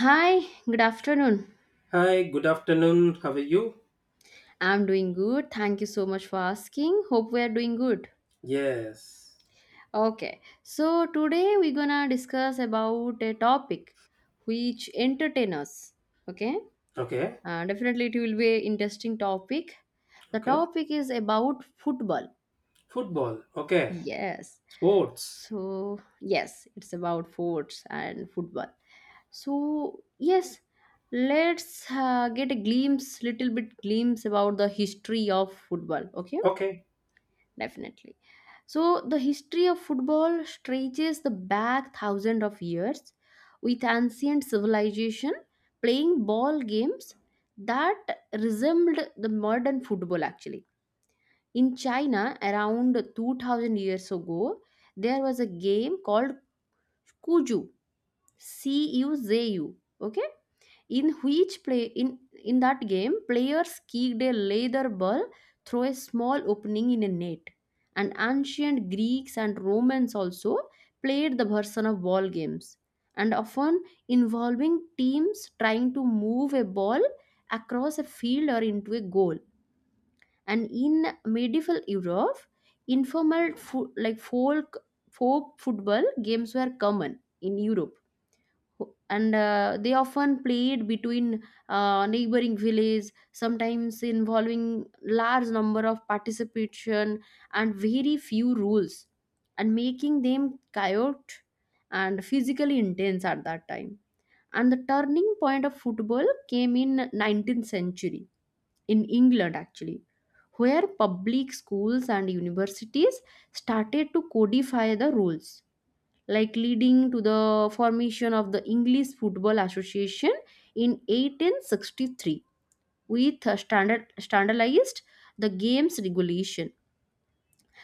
Hi, good afternoon. Hi, good afternoon. How are you? I'm doing good. Thank you so much for asking. Hope we are doing good. Yes. Okay, so today we're gonna discuss about a topic which entertain us. Okay, Okay. Definitely it will be an interesting topic. The Okay. topic is about football. Football. Okay. Yes, Sports. so yes, it's about sports and football. So yes, let's get a glimpse, little bit glimpse about the history of football. Okay Okay. definitely. So, the history of football stretches the back thousand of years with ancient civilization playing ball games that resembled the modern football actually. In China, around 2000 years ago, there was a game called Kuju, CUZU, okay, in which play in that game players kicked a leather ball through a small opening in a net, and ancient Greeks and Romans also played the version of ball games, and often involving teams trying to move a ball across a field or into a goal. And in medieval Europe, like folk football games were common in Europe, and they often played between neighboring villages, sometimes involving large number of participation and very few rules, and making them chaotic and physically intense at that time. And the turning point of football came in 19th century in England actually, where public schools and universities started to codify the rules, like leading to the formation of the English Football Association in 1863 with a standard standardized the game's regulation.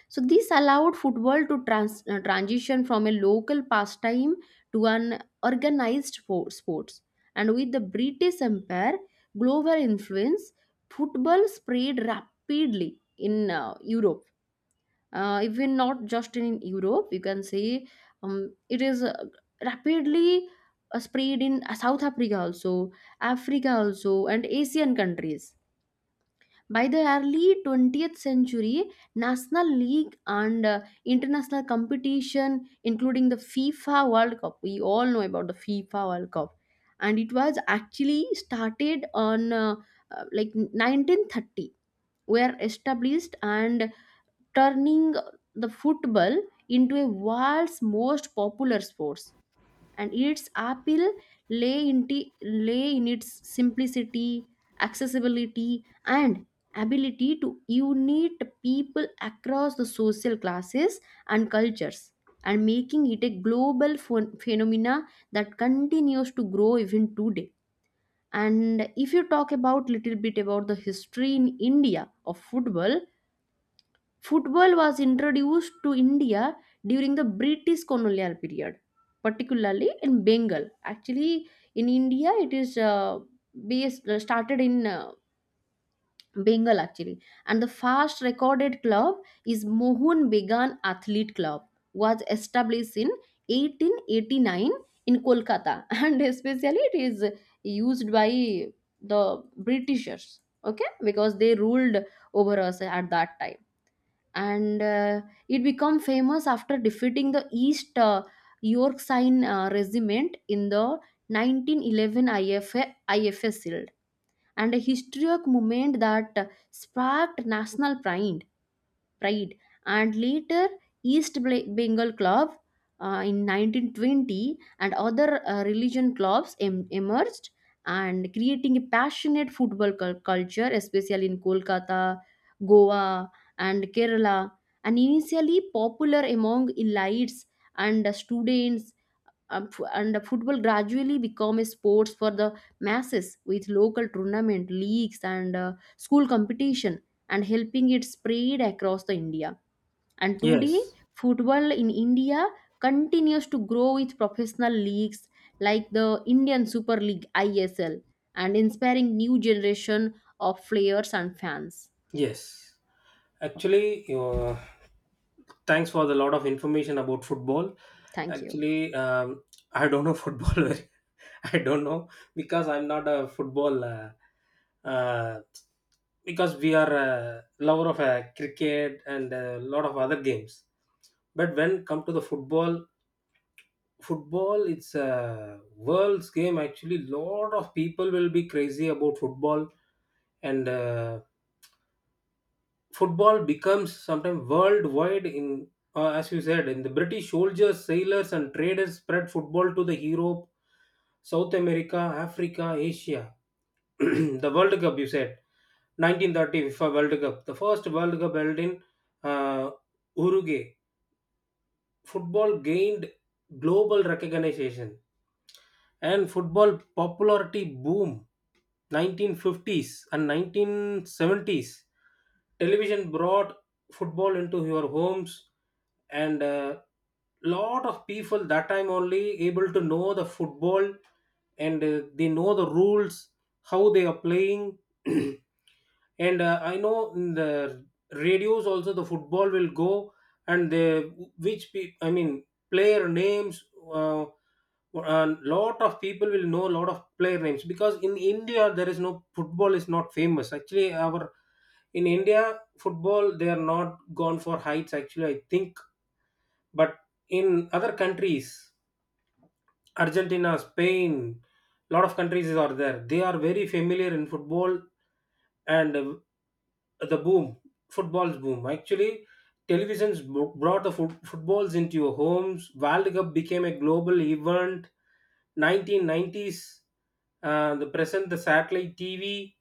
So this allowed football to transition from a local pastime to an organized sports. And with the British Empire global influence, football spread rapidly in Europe, even not just in Europe, you can say it is rapidly spread in South Africa also, and Asian countries. By the early 20th century, national league and international competition, including the FIFA World Cup, we all know about the FIFA World Cup, and it was actually started on like 1930, were established, and turning the football into a world's most popular sport, and its appeal lay in its simplicity, accessibility, and ability to unite people across the social classes and cultures, and making it a global phenomena that continues to grow even today. And if you talk about little bit about the history in India of football, football was introduced to India during the British colonial period, particularly in Bengal. Actually, in India, it is based started in Bengal actually, and the first recorded club is Mohun Began Athlete Club, was established in 1889 in Kolkata, and especially it is used by the Britishers. Okay, because they ruled over us at that time, and it became famous after defeating the East Yorkshire Regiment in the IFA Shield, and a historic moment that sparked national pride. And later, Bengal Club in 1920, and other religion clubs emerged, and creating a passionate football culture, especially in Kolkata, Goa, and Kerala, and initially popular among elites and students, and the football gradually become a sports for the masses with local tournament leagues and school competition, and helping it spread across the India. And today Yes. football in India continues to grow with professional leagues like the Indian Super League ISL, and inspiring new generation of players and fans. Yes. Actually, thanks for the lot of information about football. Thank you. Actually, I don't know football. I don't know because I'm not a football. Uh, because we are a lover of cricket and a lot of other games. But when come to the football. It's a world's game, actually lot of people will be crazy about football. And football becomes sometimes worldwide in, as you said, in the British soldiers, sailors, and traders spread football to the Europe, South America, Africa, Asia. The World Cup, you said, 1930 FIFA World Cup, the first World Cup held in, uh, Uruguay. Football gained global recognition. And football popularity boom 1950s and 1970s, television brought football into your homes, and a lot of people that time only able to know the football, and they know the rules how they are playing. And I know in the radios also the football will go, and they, I mean player names, uh, a lot of people will know a lot of player names, because in India there is no football, is not famous actually. Our in India football, they are not gone for heights actually, I think. But in other countries, Argentina, Spain, lot of countries are there. They are very familiar in football. And the boom, football's boom. Actually, televisions brought the footballs into your homes. World Cup became a global event. 1990s, the present, the satellite TV,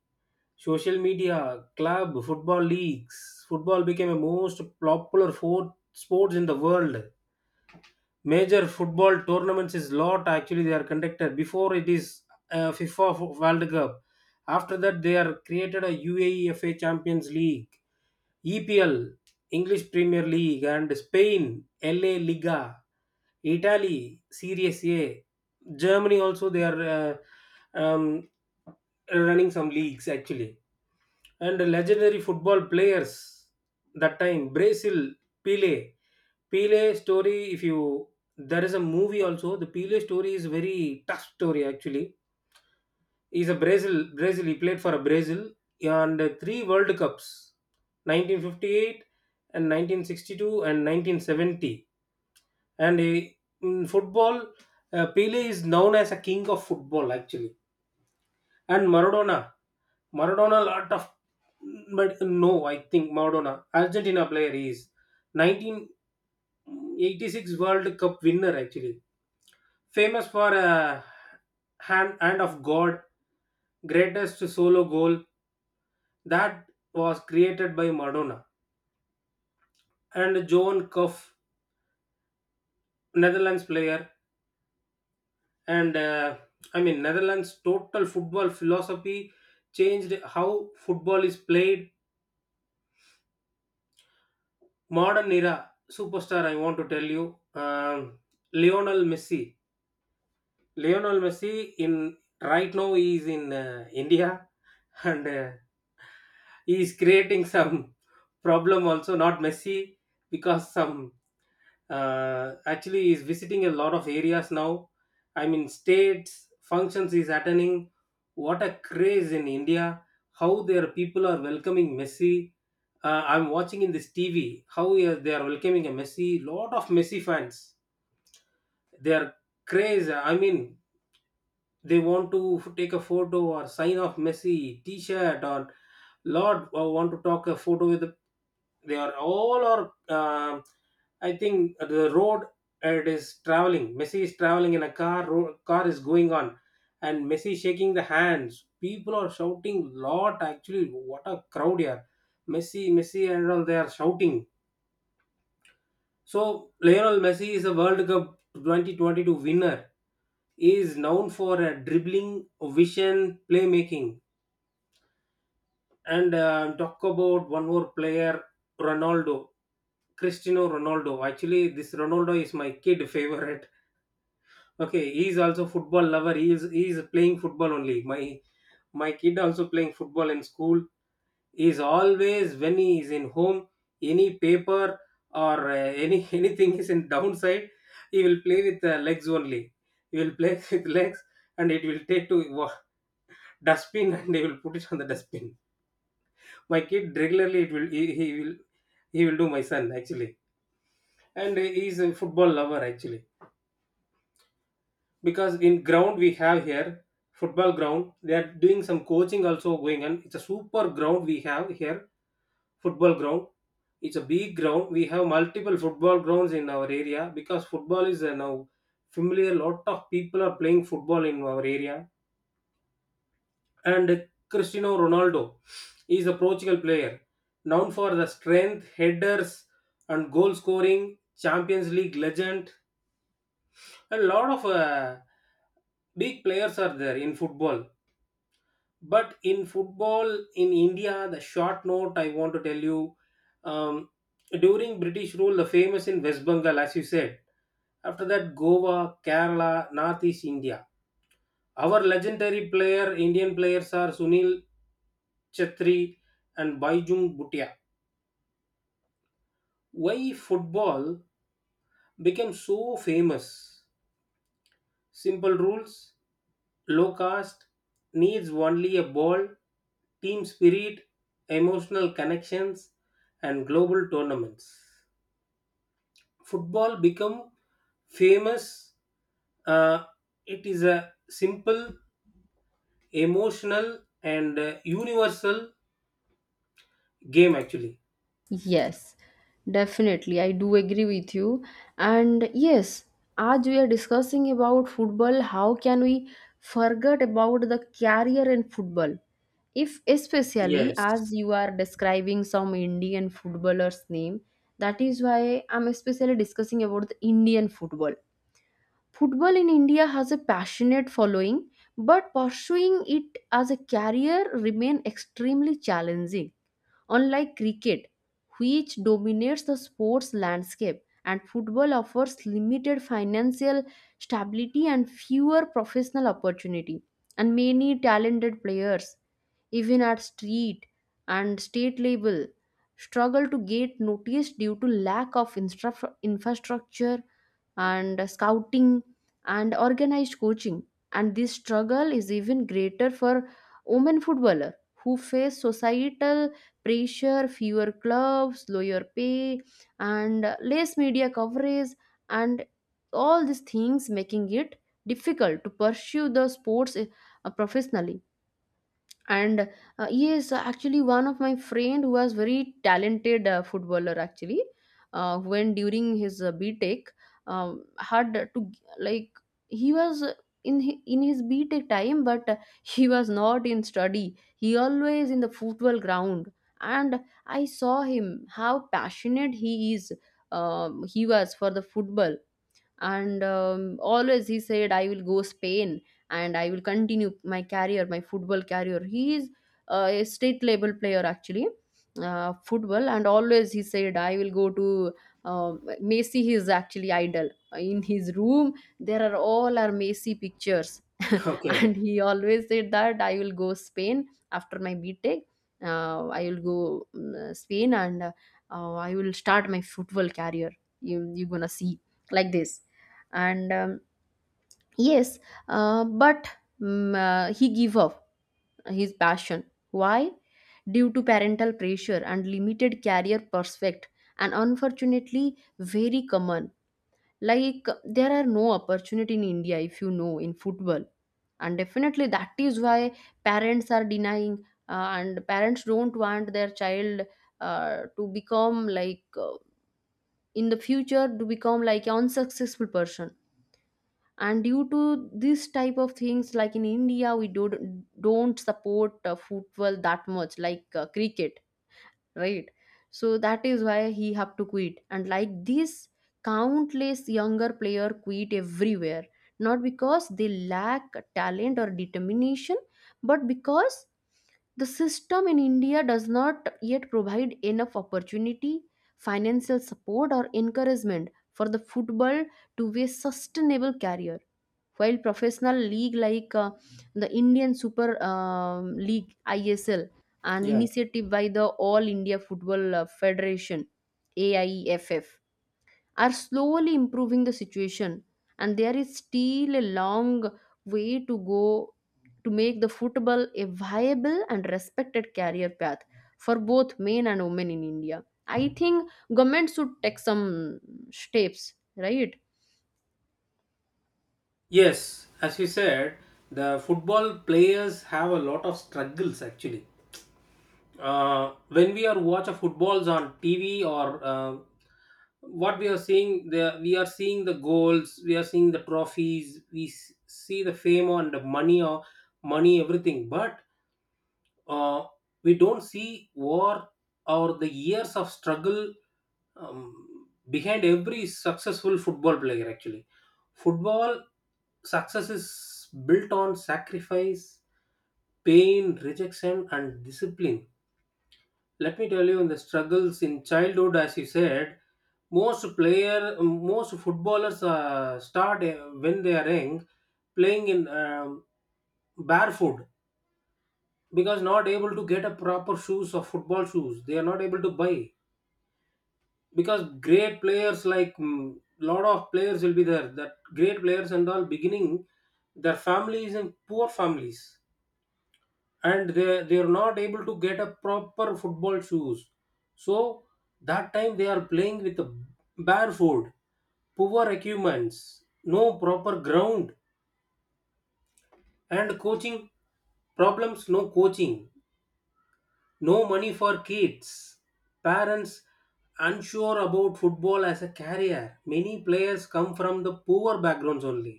social media, club, football leagues. Football became a most popular sports in the world. Major football tournaments is lot actually, they are conducted, before it is FIFA World Cup. After that they are created a UEFA Champions League, EPL English Premier League, and Spain La Liga, Italy Series A, Germany also, they are um, running some leagues actually. And legendary football players that time, Brazil, Pele. Pele story, if you, there is a movie also, the Pele story is very tough story actually. He's a Brazil. He played for a Brazil, and three world cups, 1958 and 1962 and 1970. And he, in football, Pele is known as a king of football actually. And Maradona, lot of, but no, I think Maradona, Argentina player, he is 1986 World Cup winner actually, famous for a hand of God, greatest solo goal that was created by Maradona. And Johan Cruyff, Netherlands player, and I mean Netherlands' total football philosophy changed how football is played. Modern era superstar, I want to tell you, Lionel Messi. Lionel Messi, in right now he is in India, and he is creating some problem also, not Messi, because some, actually he is visiting a lot of areas now. I mean states functions is attending. What a craze in India! How their people are welcoming Messi. I'm watching in this TV how they are welcoming a Messi. Lot of Messi fans, they are crazy, I mean they want to take a photo or sign of Messi t-shirt or Lord, or want to talk a photo with the, they are all, or um, I think the road, it is traveling, Messi is traveling in a car, car is going on, and Messi shaking the hands, people are shouting lot actually, what a crowd here, Messi Messi and all they are shouting. So Lionel Messi is a World Cup 2022 winner. He is known for dribbling, vision, playmaking, and talk about one more player, Ronaldo, Cristiano Ronaldo. Actually, this Ronaldo is my kid favorite. Okay, he is also football lover. He is playing football only. My kid also playing football in school, is always when he is in home, any paper or any anything is in downside, he will play with the legs only, he will play with legs, and it will take to dustbin, and he will put it on the dustbin. My kid regularly, it will, he will do, my son actually. And he is a football lover actually, because in ground we have here, football ground, they are doing some coaching also going on, it's a super ground we have here, football ground. It's a big ground. We have multiple football grounds in our area because football is now familiar. Lot of people are playing football in our area. And Cristiano Ronaldo is a Portugal player, known for the strength, headers, and goal scoring. Champions League legend. A lot of big players are there in football, but in football in India, the short note I want to tell you, um, during British rule, the famous in West Bengal, as you said, after that Goa, Kerala, Northeast India. Our legendary player, Indian players are Sunil Chetri and Baijung Bhutia. Why football became so famous? Simple rules, low cost, needs only a ball, team spirit, emotional connections, and global tournaments. Football become famous. uh, it is a simple, emotional, and universal game actually. Yes, definitely. I do agree with you. And yes, as we are discussing about football, how can we forget about the career in football? If especially Yes. as you are describing some Indian footballers' name, that is why I'm especially discussing about the Indian football. Football in India has a passionate following, but pursuing it as a career remain extremely challenging. Unlike cricket, which dominates the sports landscape, and football offers limited financial stability and fewer professional opportunity, and many talented players even at street and state level struggle to get noticed due to lack of infrastructure and scouting and organized coaching. And this struggle is even greater for women footballer, who face societal pressure, fewer clubs, lower pay, and less media coverage, and all these things making it difficult to pursue the sports professionally. And yes, actually one of my friend who was very talented footballer actually, when during his btech, had to like he was in his btech time, but he was not in study, he always in the football ground. And I saw him how passionate he is, he was for the football. And always he said I will go Spain, and I will continue my career, my football career. He is a state level player actually, football. And always he said I will go to Messi. He is actually idol. In his room there are all our Messi pictures. Okay. And he always said that I will go Spain after my btech, I will go Spain, and I will start my football career. You gonna see like this. And yes. But he gave up his passion. Why? Due to parental pressure and limited career prospect, and unfortunately very common. Like there are no opportunity in India, if you know, in football. And definitely that is why parents are denying, and parents don't want their child to become like in the future to become like an unsuccessful person. And due to this type of things, like in India don't support football that much like cricket, right? So that is why he have to quit, and like this countless younger player quit everywhere, not because they lack talent or determination, but because the system in India does not yet provide enough opportunity, financial support, or encouragement for the football to be a sustainable career. While professional league like the Indian Super League ISL, an Yeah. initiative by the All India Football Federation AIFF, are slowly improving the situation, and there is still a long way to go to make the football a viable and respected career path for both men and women in India. I think government should take some steps, right? Yes, as you said, the football players have a lot of struggles actually. When we are watch a footballs on TV or what we are seeing, the we are seeing the goals, we are seeing the trophies, we see the fame and the money or money, everything, but uh, we don't see war or the years of struggle, behind every successful football player actually. Football success is built on sacrifice, pain, rejection, and discipline. Let me tell you, in the struggles in childhood, as you said, most footballers start when they are young, playing in, barefoot, because not able to get a proper shoes or football shoes they are not able to buy, because great players like, lot of players will be there, that great players and all beginning, their families and poor families, and they are not able to get a proper football shoes. So that time they are playing with a barefoot, poor equipments, no proper ground, and coaching problems, no coaching, no money for kids, parents unsure about football as a career, many players come from the poor backgrounds only.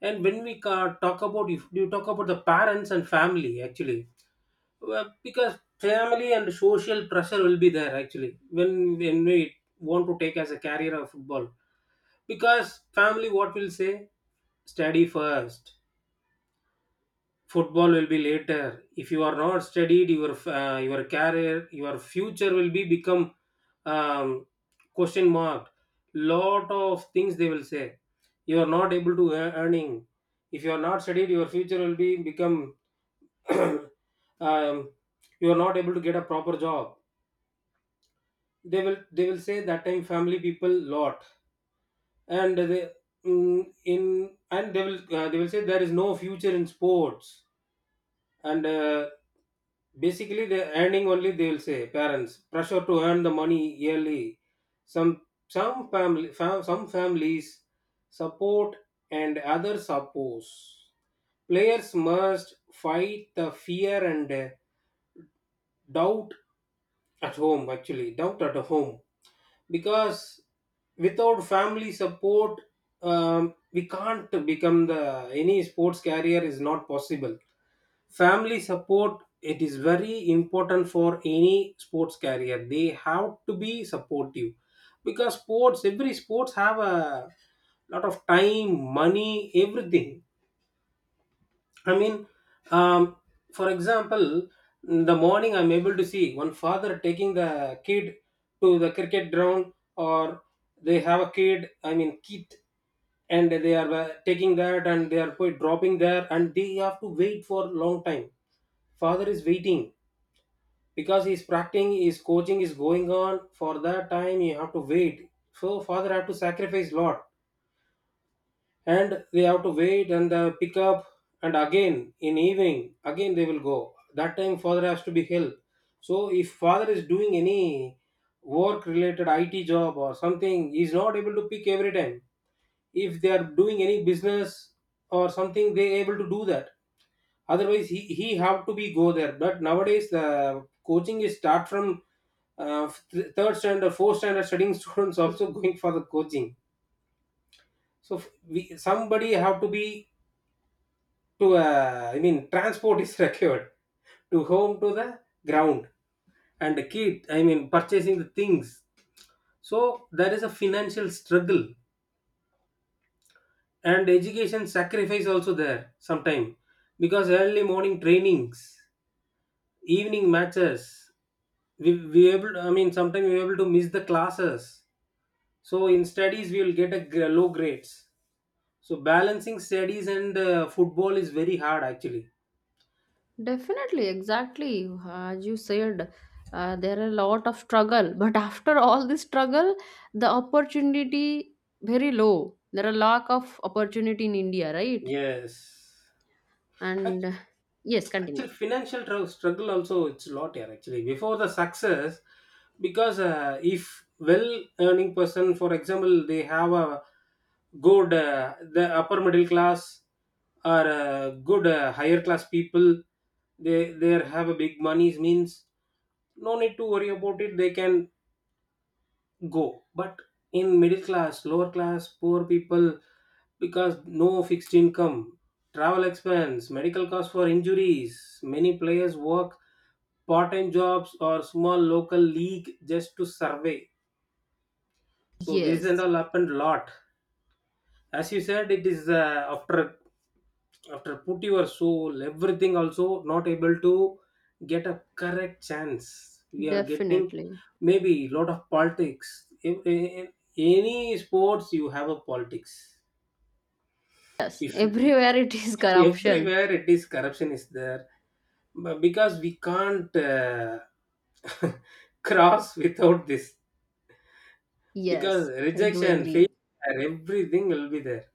And when we ca- talk about if you talk about the parents and family actually, well, because family and social pressure will be there actually, when we want to take as a career of football. Because family, what will say, study first, football will be later, if you are not studied your, your career, your future will be become, um, question mark, lot of things they will say. You are not able to earning, if you are not studied your future will be become, um, you are not able to get a proper job, they will say that time, family people lot, and they, in and they will, they will say there is no future in sports. And basically the earning only they will say, parents pressure to earn the money yearly. Some some some families support, and others oppose. Players must fight the fear and doubt at home actually, doubt at home, because without family support, we can't become the any sports career is not possible. Family support, it is very important for any sports career, they have to be supportive, because sports, every sports have a lot of time, money, everything. I mean, um, for example, in the morning I'm able to see one father taking the kid to the cricket ground, or they have a kid, I mean, kid, and they are taking that, and they are quite dropping there, and they have to wait for long time. Father is waiting because he's practicing, his coaching is going on. For that time, you have to wait. So father have to sacrifice lot and we have to wait and pick up, and again in evening again they will go. That time father has to be helped. So if father is doing any work related it job or something, he is not able to pick every time. If they are doing any business or something, they able to do that, otherwise he have to be go there. But nowadays the coaching is start from third standard, fourth standard studying students also going for the coaching. So somebody have to be to I mean transport is required to home to the ground and the kid, I mean purchasing the things. So there is a financial struggle, and education sacrifice also there sometime, because early morning trainings, evening matches, we able, I mean sometimes we able to miss the classes. So in studies we will get a low grades. So balancing studies and football is very hard actually. Definitely, exactly. As you said, there are a lot of struggle, but after all this struggle, the opportunity very low. There are lack of opportunity in India, right? Yes. Uh, And yes, continue. Actually financial struggle also it's a lot here actually, before the success, because if well earning person, for example, they have a good, the upper middle class, or good higher class people, they have a big monies means no need to worry about it, they can go. But in middle class, lower class, poor people, because no fixed income, travel expense, medical costs for injuries, many players work part-time jobs or small local league just to survey. So this and Yes, all happened a lot. As you said, it is after, after put your soul, everything also not able to get a correct chance. We are getting definitely. maybe lot of politics. In any sports, you have a politics. If you- Everywhere it is corruption. everywhere it is corruption is there, but because we can't cross without this, because Yes, I do rejection, failure, agree. everything will be there.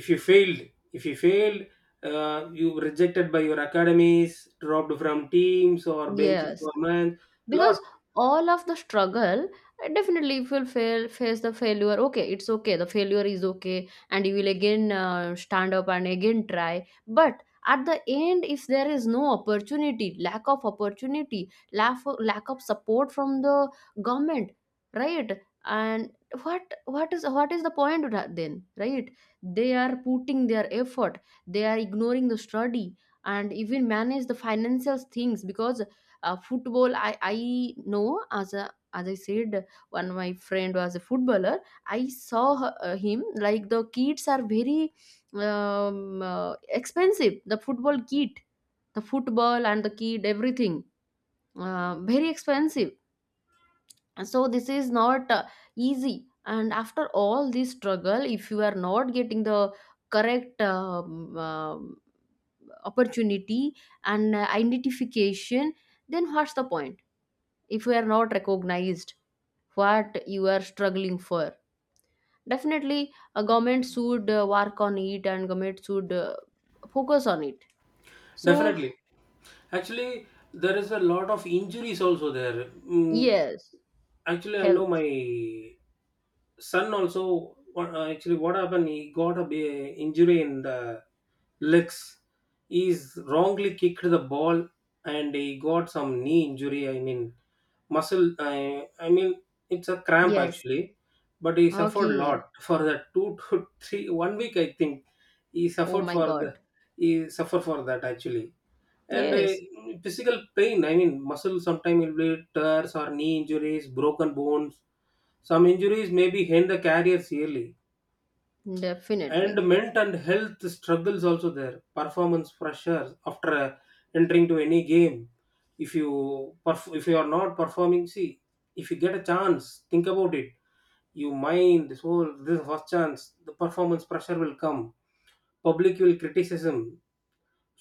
If you failed, if you failed you were rejected by your academies, dropped from teams or bench Yes. requirements lot. Because all of the struggle, definitely if you'll fail, face the failure, okay, it's okay, the failure is okay, and you will again stand up and again try. But at the end, if there is no opportunity, lack of opportunity, lack of support from the government, right? And what is the point then, right? They are putting their effort, they are ignoring the study, and even manage the financial things, because football I know, as a, as I said, one of my friend was a footballer. I saw him, like the kits are very um, uh, expensive, the football kit, the football and the kit, everything very expensive. So this is not easy, and after all this struggle if you are not getting the correct opportunity and identification, then what's the point? If you are not recognized, what you are struggling for? Definitely a government should work on it, and government should focus on it. So Definitely. Actually there is a lot of injuries also there. Yes. Actually I know Health. my son also. Actually what happened, he got a injury in the legs. He's wrongly kicked the ball and he got some knee injury, I mean muscle, I mean it's a cramp Yes. actually. But he suffered a lot Okay. for the two to three, one week I think. He Oh suffered my for the, god. he suffered for that actually. And Yes, physical pain, I mean muscle sometimes will be tears, or knee injuries, broken bones. Some injuries may be end the career yearly. definitely. And mental and health struggles also there. Performance pressures after entering to any game, if you if you are not performing, see, if you get a chance, think about it. You mind this whole this first chance, the performance pressure will come, public will criticism,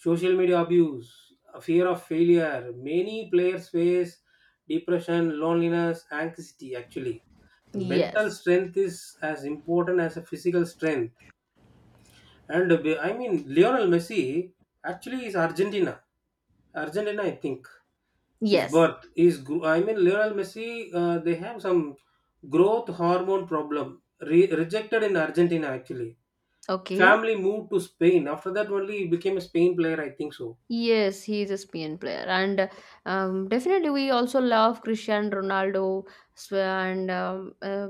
social media abuse, a fear of failure. Many players face depression, loneliness, anxiety. Actually, the mental Yes. strength is as important as a physical strength. And I mean, Lionel Messi actually is Argentina. Argentina, I think, is Yes. birth is. I mean, Lionel Messi. They have some growth hormone problem. Rejected in Argentina actually. Okay. Family moved to Spain. After that, only he became a Spain player, I think so. Yes, he is a Spain player. And definitely we also love Cristiano Ronaldo, Sw- and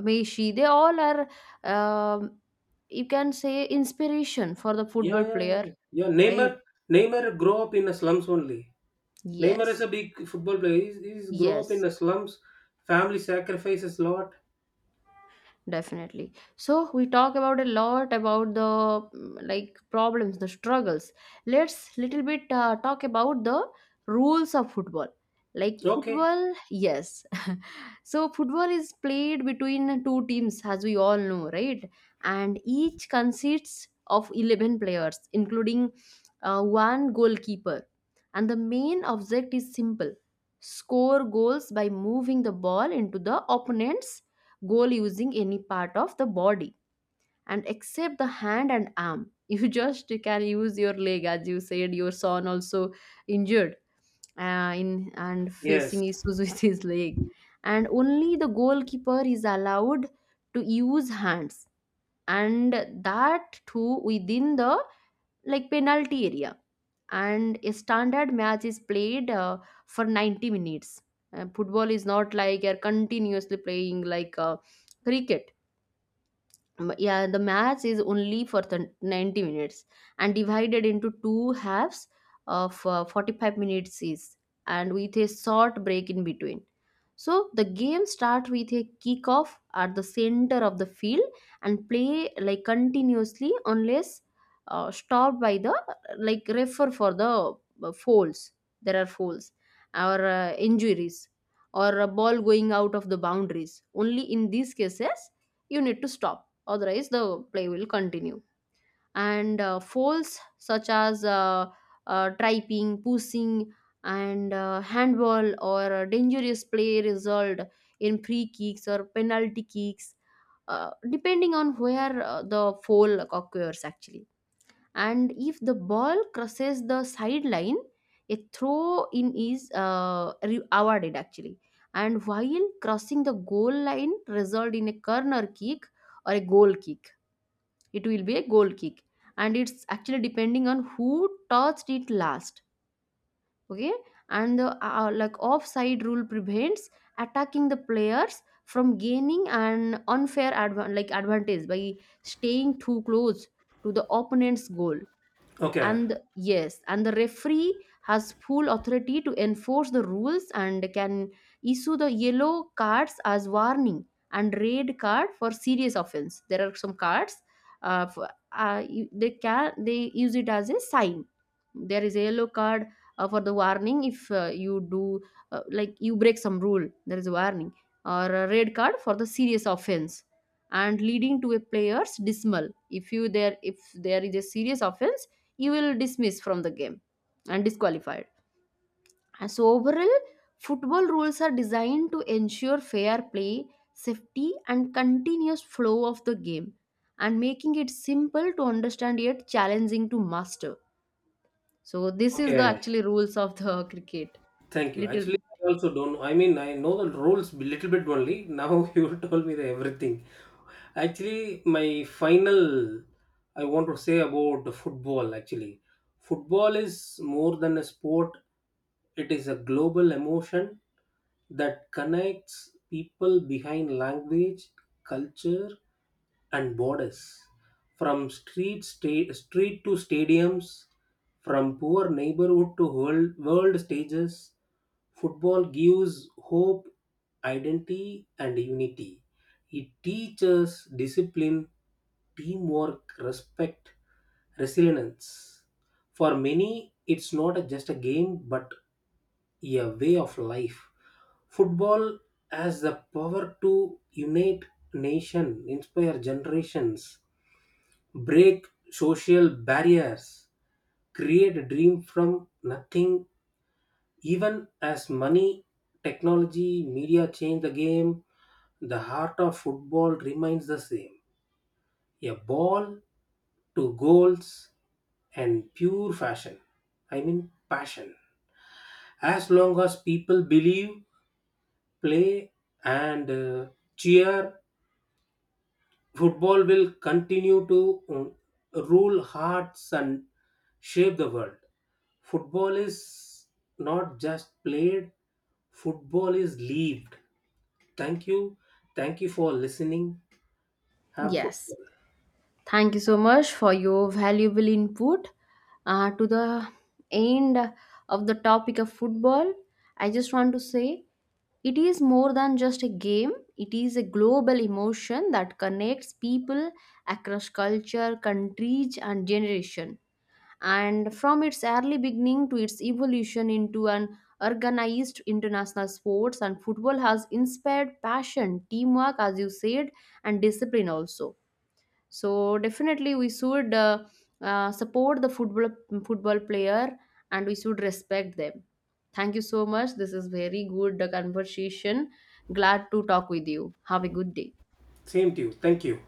Messi, they all are, um, you can say, inspiration for the Yeah, football yeah, player, yeah. Yeah, right? Neymar, Neymar grow up in the slums only. Neymar is a Yes. big football player. He's grow up in Yes, the slums. Family sacrifices lot. definitely. So we talk about a lot about the like problems, the struggles. Let's little bit talk about the rules of football, like Okay. football. Yes. So football is played between two teams, as we all know, right? And each consists of 11 players including one goalkeeper. And the main object is simple: score goals by moving the ball into the opponent's goal using any part of the body, and except the hand and arm. You just can use your leg, as you said your son also injured in and Yes. facing issues with his leg. And only the goalkeeper is allowed to use hands, and that too within the like penalty area. And a standard match is played for 90 minutes. Football is not like you're continuously playing like cricket. Yeah, the match is only for the 90 minutes and divided into two halves of 45 minutes each, and with a short break in between. So the game starts with a kickoff at the center of the field, and play like continuously unless stopped by the like refer for the fouls, there are fouls, or injuries, or a ball going out of the boundaries. Only in these cases you need to stop, otherwise the play will continue. And falls such as tripping, pushing, and handball, or dangerous play result in free kicks or penalty kicks, depending on where the foul occurs actually. And if the ball crosses the sideline, a throw in is awarded actually. And while crossing the goal line result in a corner kick or a goal kick, it will be a goal kick, and it's actually depending on who touched it last, okay. And the like offside rule prevents attacking the players from gaining an unfair advan like advantage by staying too close to the opponent's goal. Okay. And yes, and the referee has full authority to enforce the rules, and can issue the yellow cards as warning, and red card for serious offense. There are some cards uh, for, you- they can they use it as a sign. There is a yellow card for the warning, if you do like you break some rule, there is a warning, or a red card for the serious offense, and leading to a player's dismal. If you there, if there is a serious offense, you will dismiss from the game and disqualified. And so overall football rules are designed to ensure fair play, safety, and continuous flow of the game, and making it simple to understand yet challenging to master. So this is the Okay. actually rules of the cricket. Thank you. Little Actually, I also don't. I mean, I know the rules little bit only. Now you told me the everything. Actually, my final, I want to say about the football. Actually, football is more than a sport. It is a global emotion that connects people behind language, culture, and borders. From street to stadiums, from poor neighborhood to world stages, football gives hope, identity, and unity. It teaches discipline, teamwork, respect, resilience. For many, it's not a- just a game but a way of life. Football has the power to unite nation, inspire generations, break social barriers, create a dream from nothing. Even as money, technology, media change the game, the heart of football remains the same. A ball, to goals, and pure fashion. I mean passion. As long as people believe, play, and cheer, football will continue to rule hearts and shape the world. Football is not just played, football is lived. Thank you. Thank you for listening. Have football. yes. Thank you so much for your valuable input. To the end of the topic of football, I just want to say it is more than just a game. It is a global emotion that connects people across culture, countries, and generation. And from its early beginning to its evolution into an organized international sports, and football has inspired passion, teamwork, as you said, and discipline also. So definitely we should support the football, football player, and we should respect them. Thank you so much. This is very good conversation. Glad to talk with you. Have a good day. Same to you. Thank you.